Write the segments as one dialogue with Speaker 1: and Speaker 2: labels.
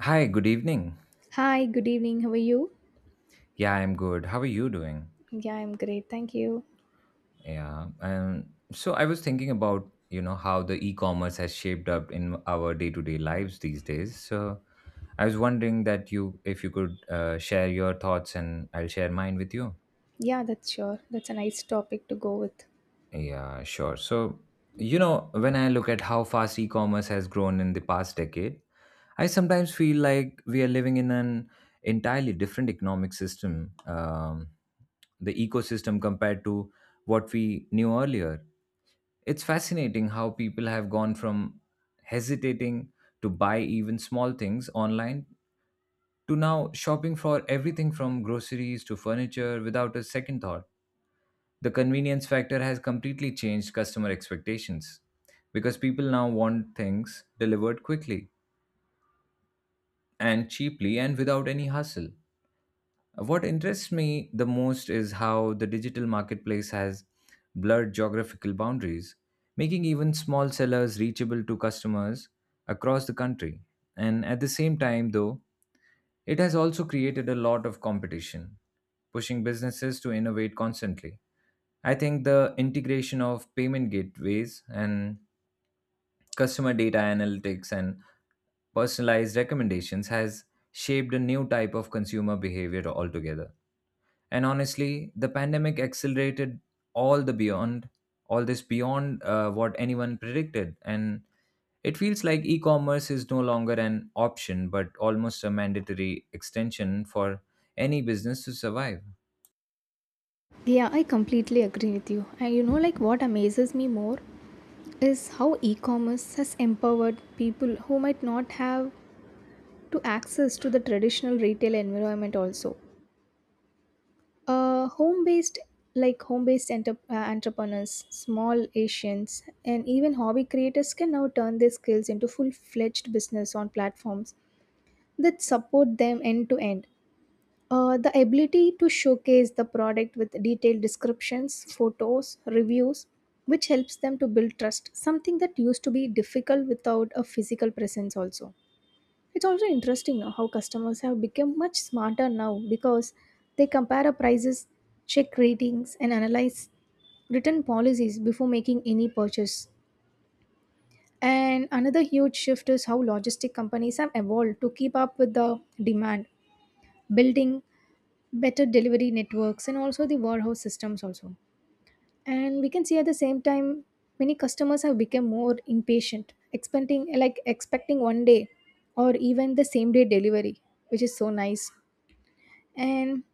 Speaker 1: Hi, good evening.
Speaker 2: Hi, good evening. How are you?
Speaker 1: Yeah, I'm good. How are you doing?
Speaker 2: Yeah, I'm great. Thank you.
Speaker 1: Yeah. So I was thinking about, you know, how the e-commerce has shaped up in our day-to-day lives these days. So I was wondering if you could share your thoughts and I'll share mine with you.
Speaker 2: Yeah, that's sure. That's a nice topic to go with.
Speaker 1: Yeah, sure. So, you know, when I look at how fast e-commerce has grown in the past decade, I sometimes feel like we are living in an entirely different economic system. The ecosystem compared to what we knew earlier. It's fascinating how people have gone from hesitating to buy even small things online to now shopping for everything from groceries to furniture without a second thought. The convenience factor has completely changed customer expectations because people now want things delivered quickly and cheaply and without any hustle. What interests me the most is how the digital marketplace has blurred geographical boundaries, making even small sellers reachable to customers across the country. And at the same time, though, it has also created a lot of competition, pushing businesses to innovate constantly. I think the integration of payment gateways and customer data analytics and personalized recommendations has shaped a new type of consumer behavior altogether, and honestly the pandemic accelerated all the beyond all this beyond what anyone predicted, and it feels like e-commerce is no longer an option but almost a mandatory extension for any business to survive.
Speaker 2: Yeah, I completely agree with you. And you know, like what amazes me more is how e commerce has empowered people who might not have to access to the traditional retail environment also. Home based, like home based entrepreneurs, small Asians, and even hobby creators can now turn their skills into full fledged business on platforms that support them end to end. The ability to showcase the product with detailed descriptions, photos, reviews, which helps them to build trust, something that used to be difficult without a physical presence, also. It's also interesting now how customers have become much smarter now because they compare prices, check ratings, and analyze written policies before making any purchase. And another huge shift is how logistic companies have evolved to keep up with the demand, building better delivery networks and also the warehouse systems also, and we can see at the same time many customers have become more impatient expecting 1 day or even the same day delivery, which is so nice. And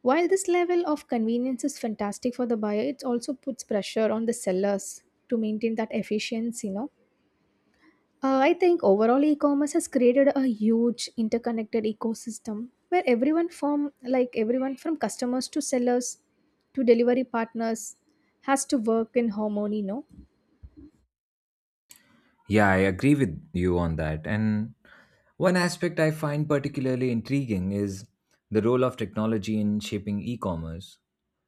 Speaker 2: while this level of convenience is fantastic for the buyer, it also puts pressure on the sellers to maintain that efficiency, you know. I think overall e-commerce has created a huge interconnected ecosystem where everyone from customers to sellers to delivery partners has to work in harmony, no?
Speaker 1: Yeah, I agree with you on that. And one aspect I find particularly intriguing is the role of technology in shaping e commerce.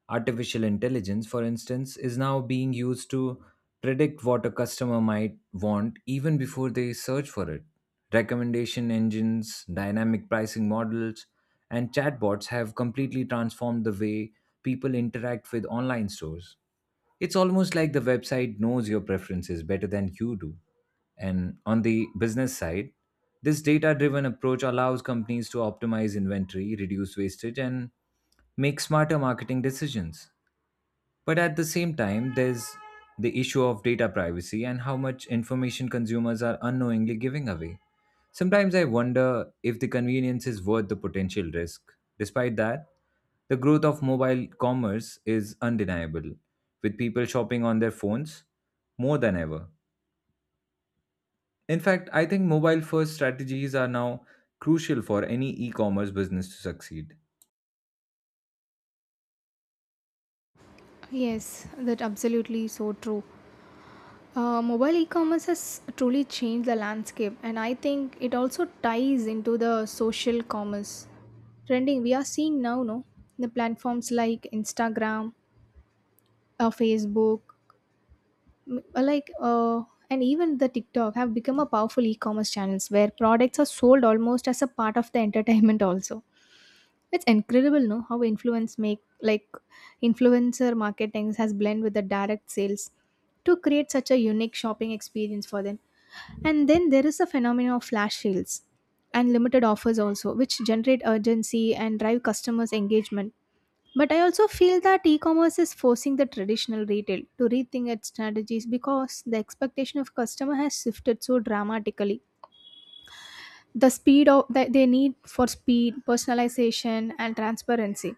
Speaker 1: Artificial intelligence, for instance, is now being used to predict what a customer might want even before they search for it. Recommendation engines, dynamic pricing models, and chatbots have completely transformed the way people interact with online stores. It's almost like the website knows your preferences better than you do. And on the business side, this data driven approach allows companies to optimize inventory, reduce wastage, and make smarter marketing decisions. But at the same time, there's the issue of data privacy and how much information consumers are unknowingly giving away. Sometimes I wonder if the convenience is worth the potential risk. Despite that, the growth of mobile commerce is undeniable, with people shopping on their phones more than ever. In fact, I think mobile first strategies are now crucial for any e commerce business to succeed.
Speaker 2: Yes, that absolutely so true. Mobile e-commerce has truly changed the landscape, and I think it also ties into the social commerce trending we are seeing now. No, the platforms like Instagram, Facebook, M- like uh, and even the tiktok have become a powerful e-commerce channels where products are sold almost as a part of the entertainment also. It's incredible, no, how influence make like influencer marketing has blend with the direct sales to create such a unique shopping experience for them. And then there is a phenomenon of flash sales and limited offers also, which generate urgency and drive customers engagement. But I also feel that e commerce is forcing the traditional retail to rethink its strategies because the expectation of customer has shifted so dramatically. That they need for speed, personalization, and transparency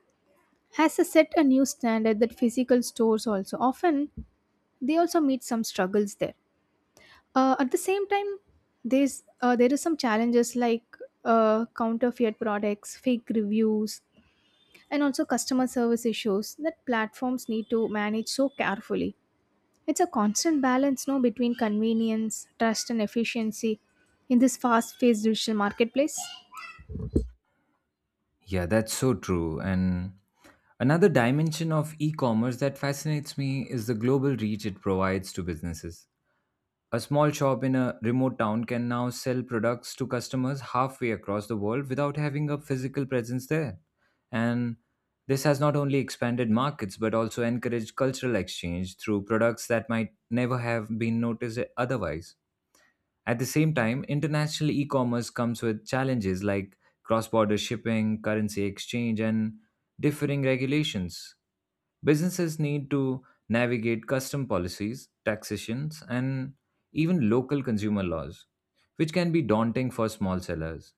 Speaker 2: has to set a new standard that physical stores also often they also meet some struggles there. At the same time, there is some challenges like counterfeit products, fake reviews, and also customer service issues that platforms need to manage so carefully. It's a constant balance, no, between convenience, trust, and efficiency in this fast paced digital marketplace.
Speaker 1: Yeah, that's so true. And another dimension of e commerce that fascinates me is the global reach it provides to businesses. A small shop in a remote town can now sell products to customers halfway across the world without having a physical presence there. And this has not only expanded markets but also encouraged cultural exchange through products that might never have been noticed otherwise. At the same time, international e commerce comes with challenges like cross border shipping, currency exchange, and differing regulations. Businesses need to navigate custom policies, taxations, and even local consumer laws, which can be daunting for small sellers.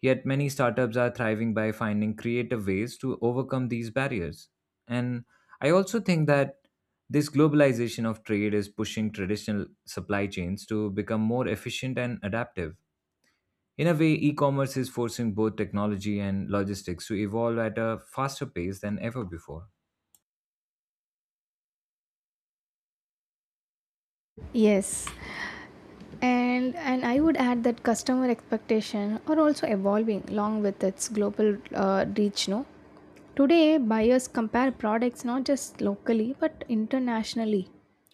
Speaker 1: Yet, many startups are thriving by finding creative ways to overcome these barriers. And I also think that this globalization of trade is pushing traditional supply chains to become more efficient and adaptive. In a way, e commerce is forcing both technology and logistics to evolve at a faster pace than ever before.
Speaker 2: Yes, and I would add that customer expectation are also evolving along with its global reach. No, today buyers compare products not just locally but internationally,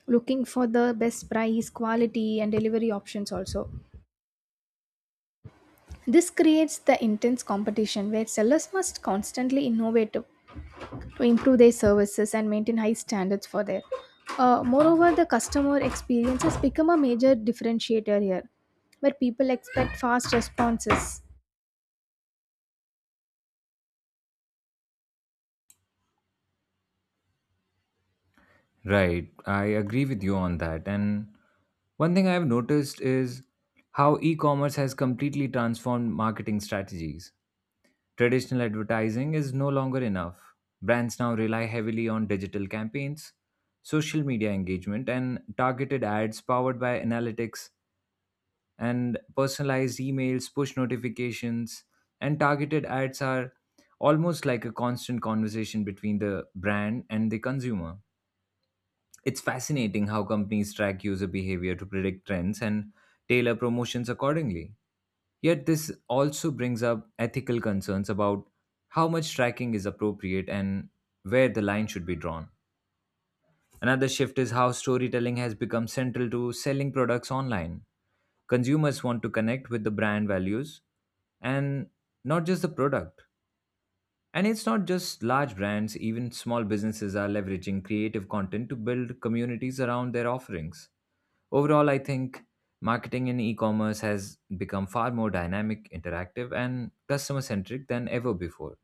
Speaker 2: looking for the best price, quality, and delivery options also. This creates the intense competition where sellers must constantly innovate to improve their services and maintain high standards for their. Moreover, the customer experience has become a major differentiator here, where people expect fast responses.
Speaker 1: Right, I agree with you on that. And one thing I've noticed is how e commerce has completely transformed marketing strategies. Traditional advertising is no longer enough. Brands now rely heavily on digital campaigns, social media engagement, and targeted ads powered by analytics, and personalized emails, push notifications, and targeted ads are almost like a constant conversation between the brand and the consumer. It's fascinating how companies track user behavior to predict trends and tailor promotions accordingly. Yet, this also brings up ethical concerns about how much tracking is appropriate and where the line should be drawn. Another shift is how storytelling has become central to selling products online. Consumers want to connect with the brand values and not just the product. And it's not just large brands, even small businesses are leveraging creative content to build communities around their offerings. Overall, I think marketing in e-commerce has become far more dynamic, interactive, and customer-centric than ever before.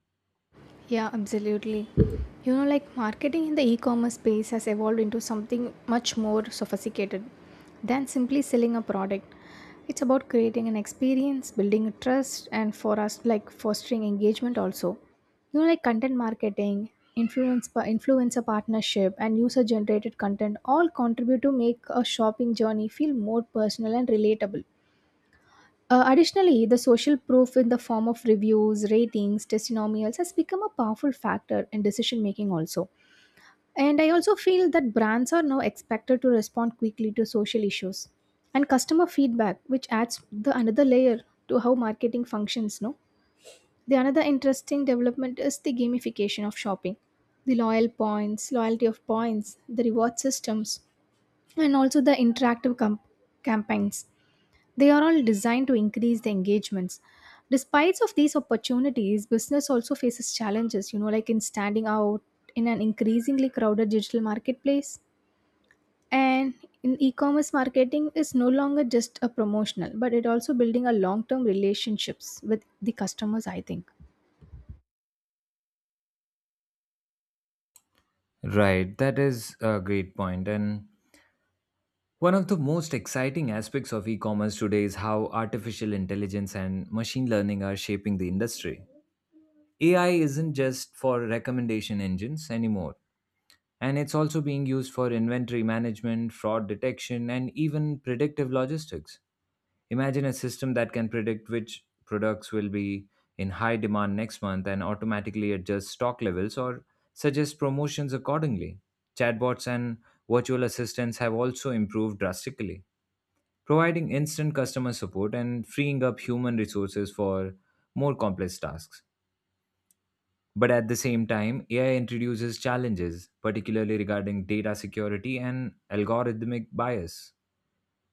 Speaker 2: Yeah, absolutely. You know, like marketing in the e commerce space has evolved into something much more sophisticated than simply selling a product. It's about creating an experience, building a trust, and for us, like fostering engagement also. You know, like content marketing, influencer partnership, and user generated content all contribute to make a shopping journey feel more personal and relatable. Additionally, the social proof in the form of reviews, ratings, testimonials has become a powerful factor in decision making also. And I also feel that brands are now expected to respond quickly to social issues and customer feedback, which adds the another layer to how marketing functions. No, the another interesting development is the gamification of shopping, the loyal points, loyalty of points, the reward systems, and also the campaigns, they are all designed to increase the engagements. Despite of these opportunities, business also faces challenges, you know, like in standing out in an increasingly crowded digital marketplace. And in e-commerce marketing is no longer just a promotional, but it also building a long-term relationships with the customers, I think.
Speaker 1: Right, that is a great point. And one of the most exciting aspects of e commerce today is how artificial intelligence and machine learning are shaping the industry. AI isn't just for recommendation engines anymore, and it's also being used for inventory management, fraud detection, and even predictive logistics. Imagine a system that can predict which products will be in high demand next month and automatically adjust stock levels or suggest promotions accordingly. Chatbots and virtual assistants have also improved drastically, providing instant customer support and freeing up human resources for more complex tasks. But at the same time, AI introduces challenges, particularly regarding data security and algorithmic bias.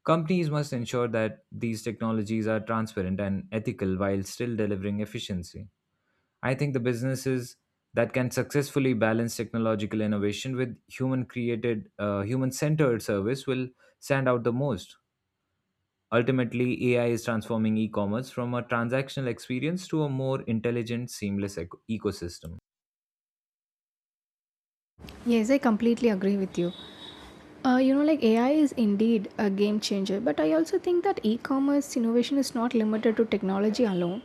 Speaker 1: Companies must ensure that these technologies are transparent and ethical while still delivering efficiency. I think the businesses that can successfully balance technological innovation with human centered service will stand out the most. Ultimately, AI is transforming e commerce from a transactional experience to a more intelligent, seamless ecosystem.
Speaker 2: Yes, I completely agree with you. You know, like AI is indeed a game changer, but I also think that e commerce innovation is not limited to technology alone.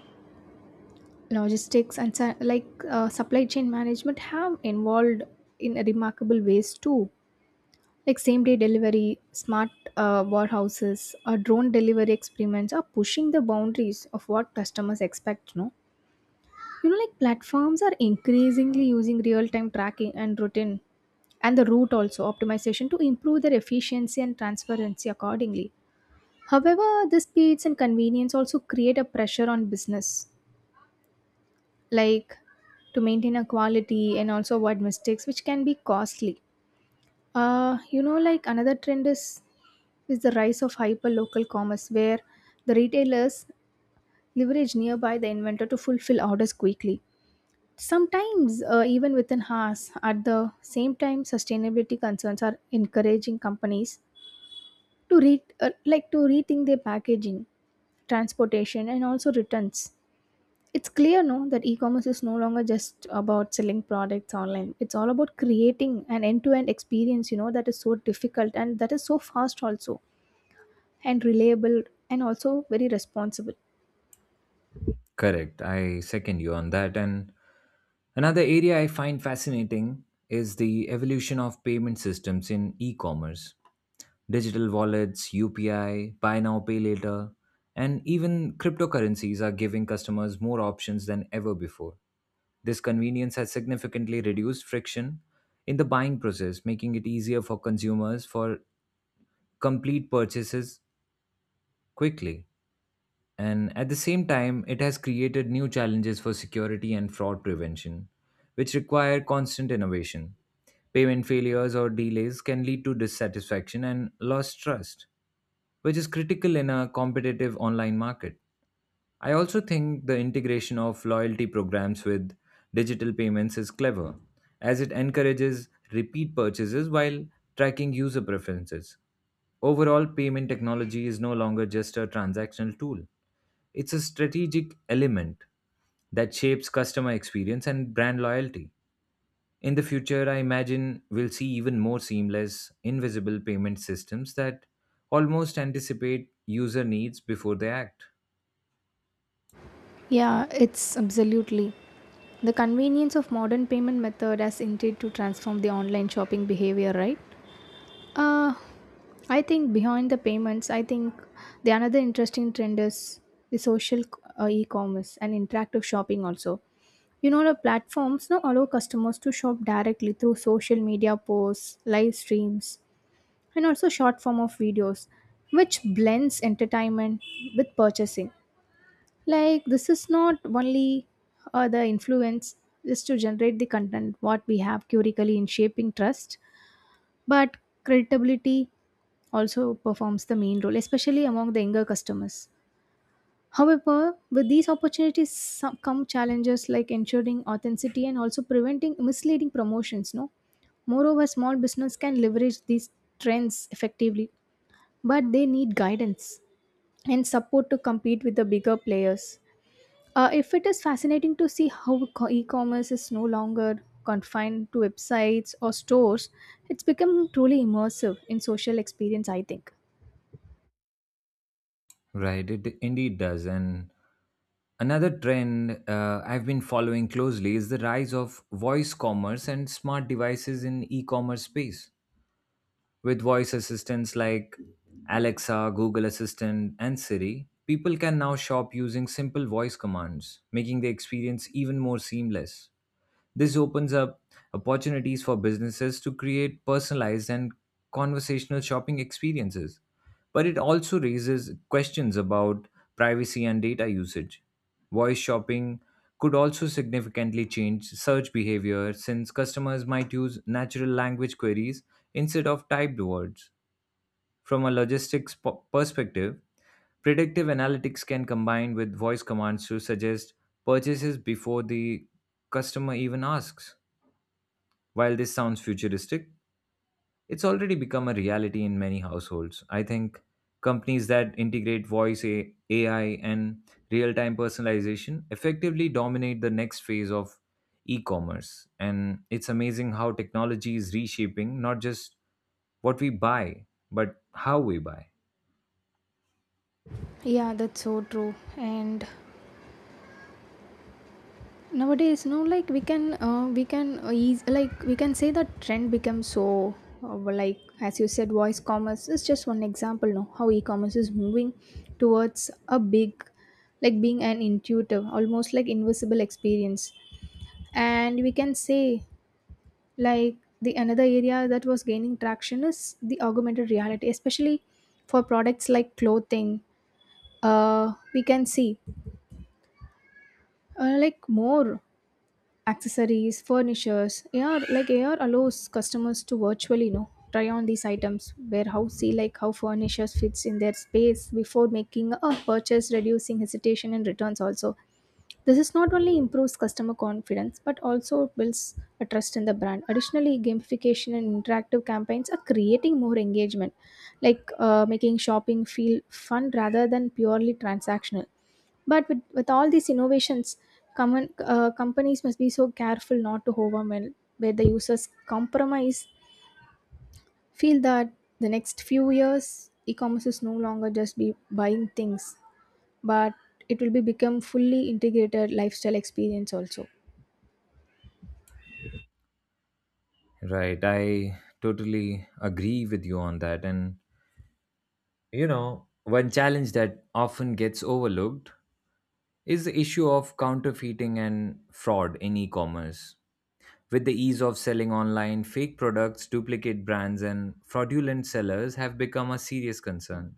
Speaker 2: Logistics and supply chain management have involved in remarkable ways too, like same day delivery, smart warehouses or drone delivery experiments are pushing the boundaries of what customers expect, no. You know, like platforms are increasingly using real time tracking and routine and the route also optimization to improve their efficiency and transparency accordingly. However, the speeds and convenience also create a pressure on business, like to maintain a quality and also avoid mistakes which can be costly. Uh you know, like another trend is the rise of hyper local commerce where the retailers leverage nearby the inventor to fulfill orders quickly, sometimes even within hours. At the same time sustainability concerns are encouraging companies to re- like to rethink their packaging, transportation and also returns. It's clear, no, that e-commerce is no longer just about selling products online. It's all about creating an end-to-end experience, you know, that is so difficult and that is so fast also and reliable and also very responsible.
Speaker 1: Correct. I second you on that. And another area I find fascinating is the evolution of payment systems in e commerce. Digital wallets, UPI, buy now, pay later, and even cryptocurrencies are giving customers more options than ever before. This convenience has significantly reduced friction in the buying process, making it easier for consumers for complete purchases quickly. And at the same time, it has created new challenges for security and fraud prevention, which require constant innovation. Payment failures or delays can lead to dissatisfaction and lost trust, which is critical in a competitive online market. I also think the integration of loyalty programs with digital payments is clever, as it encourages repeat purchases while tracking user preferences. Overall, payment technology is no longer just a transactional tool. It's a strategic element that shapes customer experience and brand loyalty. In the future, I imagine we'll see even more seamless, invisible payment systems that almost anticipate user needs before they act.
Speaker 2: Yeah, it's absolutely. The convenience of modern payment method has indeed to transform the online shopping behavior, right? Uh, I think behind the payments, I think the another interesting trend is the social e-commerce and interactive shopping also. You know, the platforms now allow customers to shop directly through social media posts, live streams, and also short form of videos, which blends entertainment with purchasing. Like this is not only the influence is to generate the content what we have currically in shaping trust, but credibility also performs the main role, especially among the younger customers. However, with these opportunities come challenges like ensuring authenticity and also preventing misleading promotions. No, moreover, small business can leverage these trends effectively, but they need guidance and support to compete with the bigger players. If it is fascinating to see how e-commerce is no longer confined to websites or stores, it's become truly immersive in social experience, I think.
Speaker 1: Right, it indeed does. And another trend I've been following closely is the rise of voice commerce and smart devices in e commerce space. With voice assistants like Alexa, Google Assistant, and Siri, people can now shop using simple voice commands, making the experience even more seamless. This opens up opportunities for businesses to create personalized and conversational shopping experiences, but it also raises questions about privacy and data usage. Voice shopping could also significantly change search behavior since customers might use natural language queries instead of typed words. From a perspective, predictive analytics can combine with voice commands to suggest purchases before the customer even asks. While this sounds futuristic, it's already become a reality in many households. I think companies that integrate AI and real time personalization effectively dominate the next phase of e commerce. And it's amazing how technology is reshaping not just what we buy, but how we buy.
Speaker 2: Yeah, that's so true. And nowadays, no, like we can eas like we can say that trend becomes so, like as you said, voice commerce is just one example. No, how e-commerce is moving towards a big, like being an intuitive, almost like invisible experience. And we can say like the another area that was gaining traction is the augmented reality, especially for products like clothing. We can see more accessories, furnitures. AR allows customers to virtually, you know, try on these items, warehouse see like how furnitures fits in their space before making a purchase, reducing hesitation and returns also. This is not only improves customer confidence but also builds a trust in the brand. Additionally, gamification and interactive campaigns are creating more engagement, like making shopping feel fun rather than purely transactional. But with all these innovations, companies must be so careful not to overwhelm where the users compromise, feel that the next few years e-commerce is no longer just be buying things, but it will be become fully integrated lifestyle experience also.
Speaker 1: Right. I totally agree with you on that. And you know, one challenge that often gets overlooked is the issue of counterfeiting and fraud in e commerce. With the ease of selling online, fake products, duplicate brands, and fraudulent sellers have become a serious concern.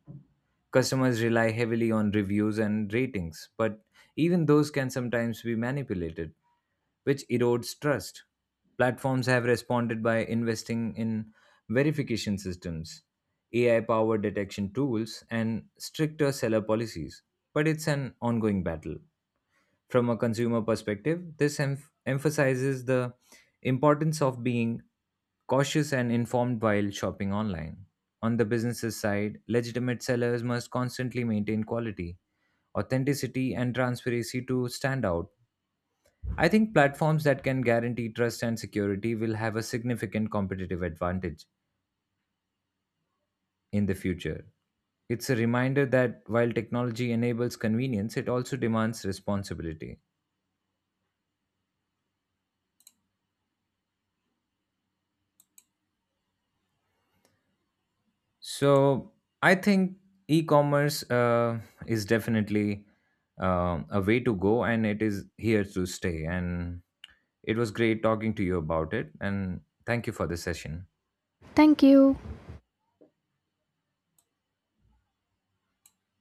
Speaker 1: Customers rely heavily on reviews and ratings, but even those can sometimes be manipulated, which erodes trust. Platforms have responded by investing in verification systems, AI powered detection tools, and stricter seller policies, but it's an ongoing battle. From a consumer perspective, this emph emphasizes the importance of being cautious and informed while shopping online. On the business's side, legitimate sellers must constantly maintain quality, authenticity, and transparency to stand out. I think platforms that can guarantee trust and security will have a significant competitive advantage in the future. It's a reminder that while technology enables convenience, it also demands responsibility. So I think e-commerce is definitely a way to go, and it is here to stay. And it was great talking to you about it. And thank you for the session.
Speaker 2: Thank you.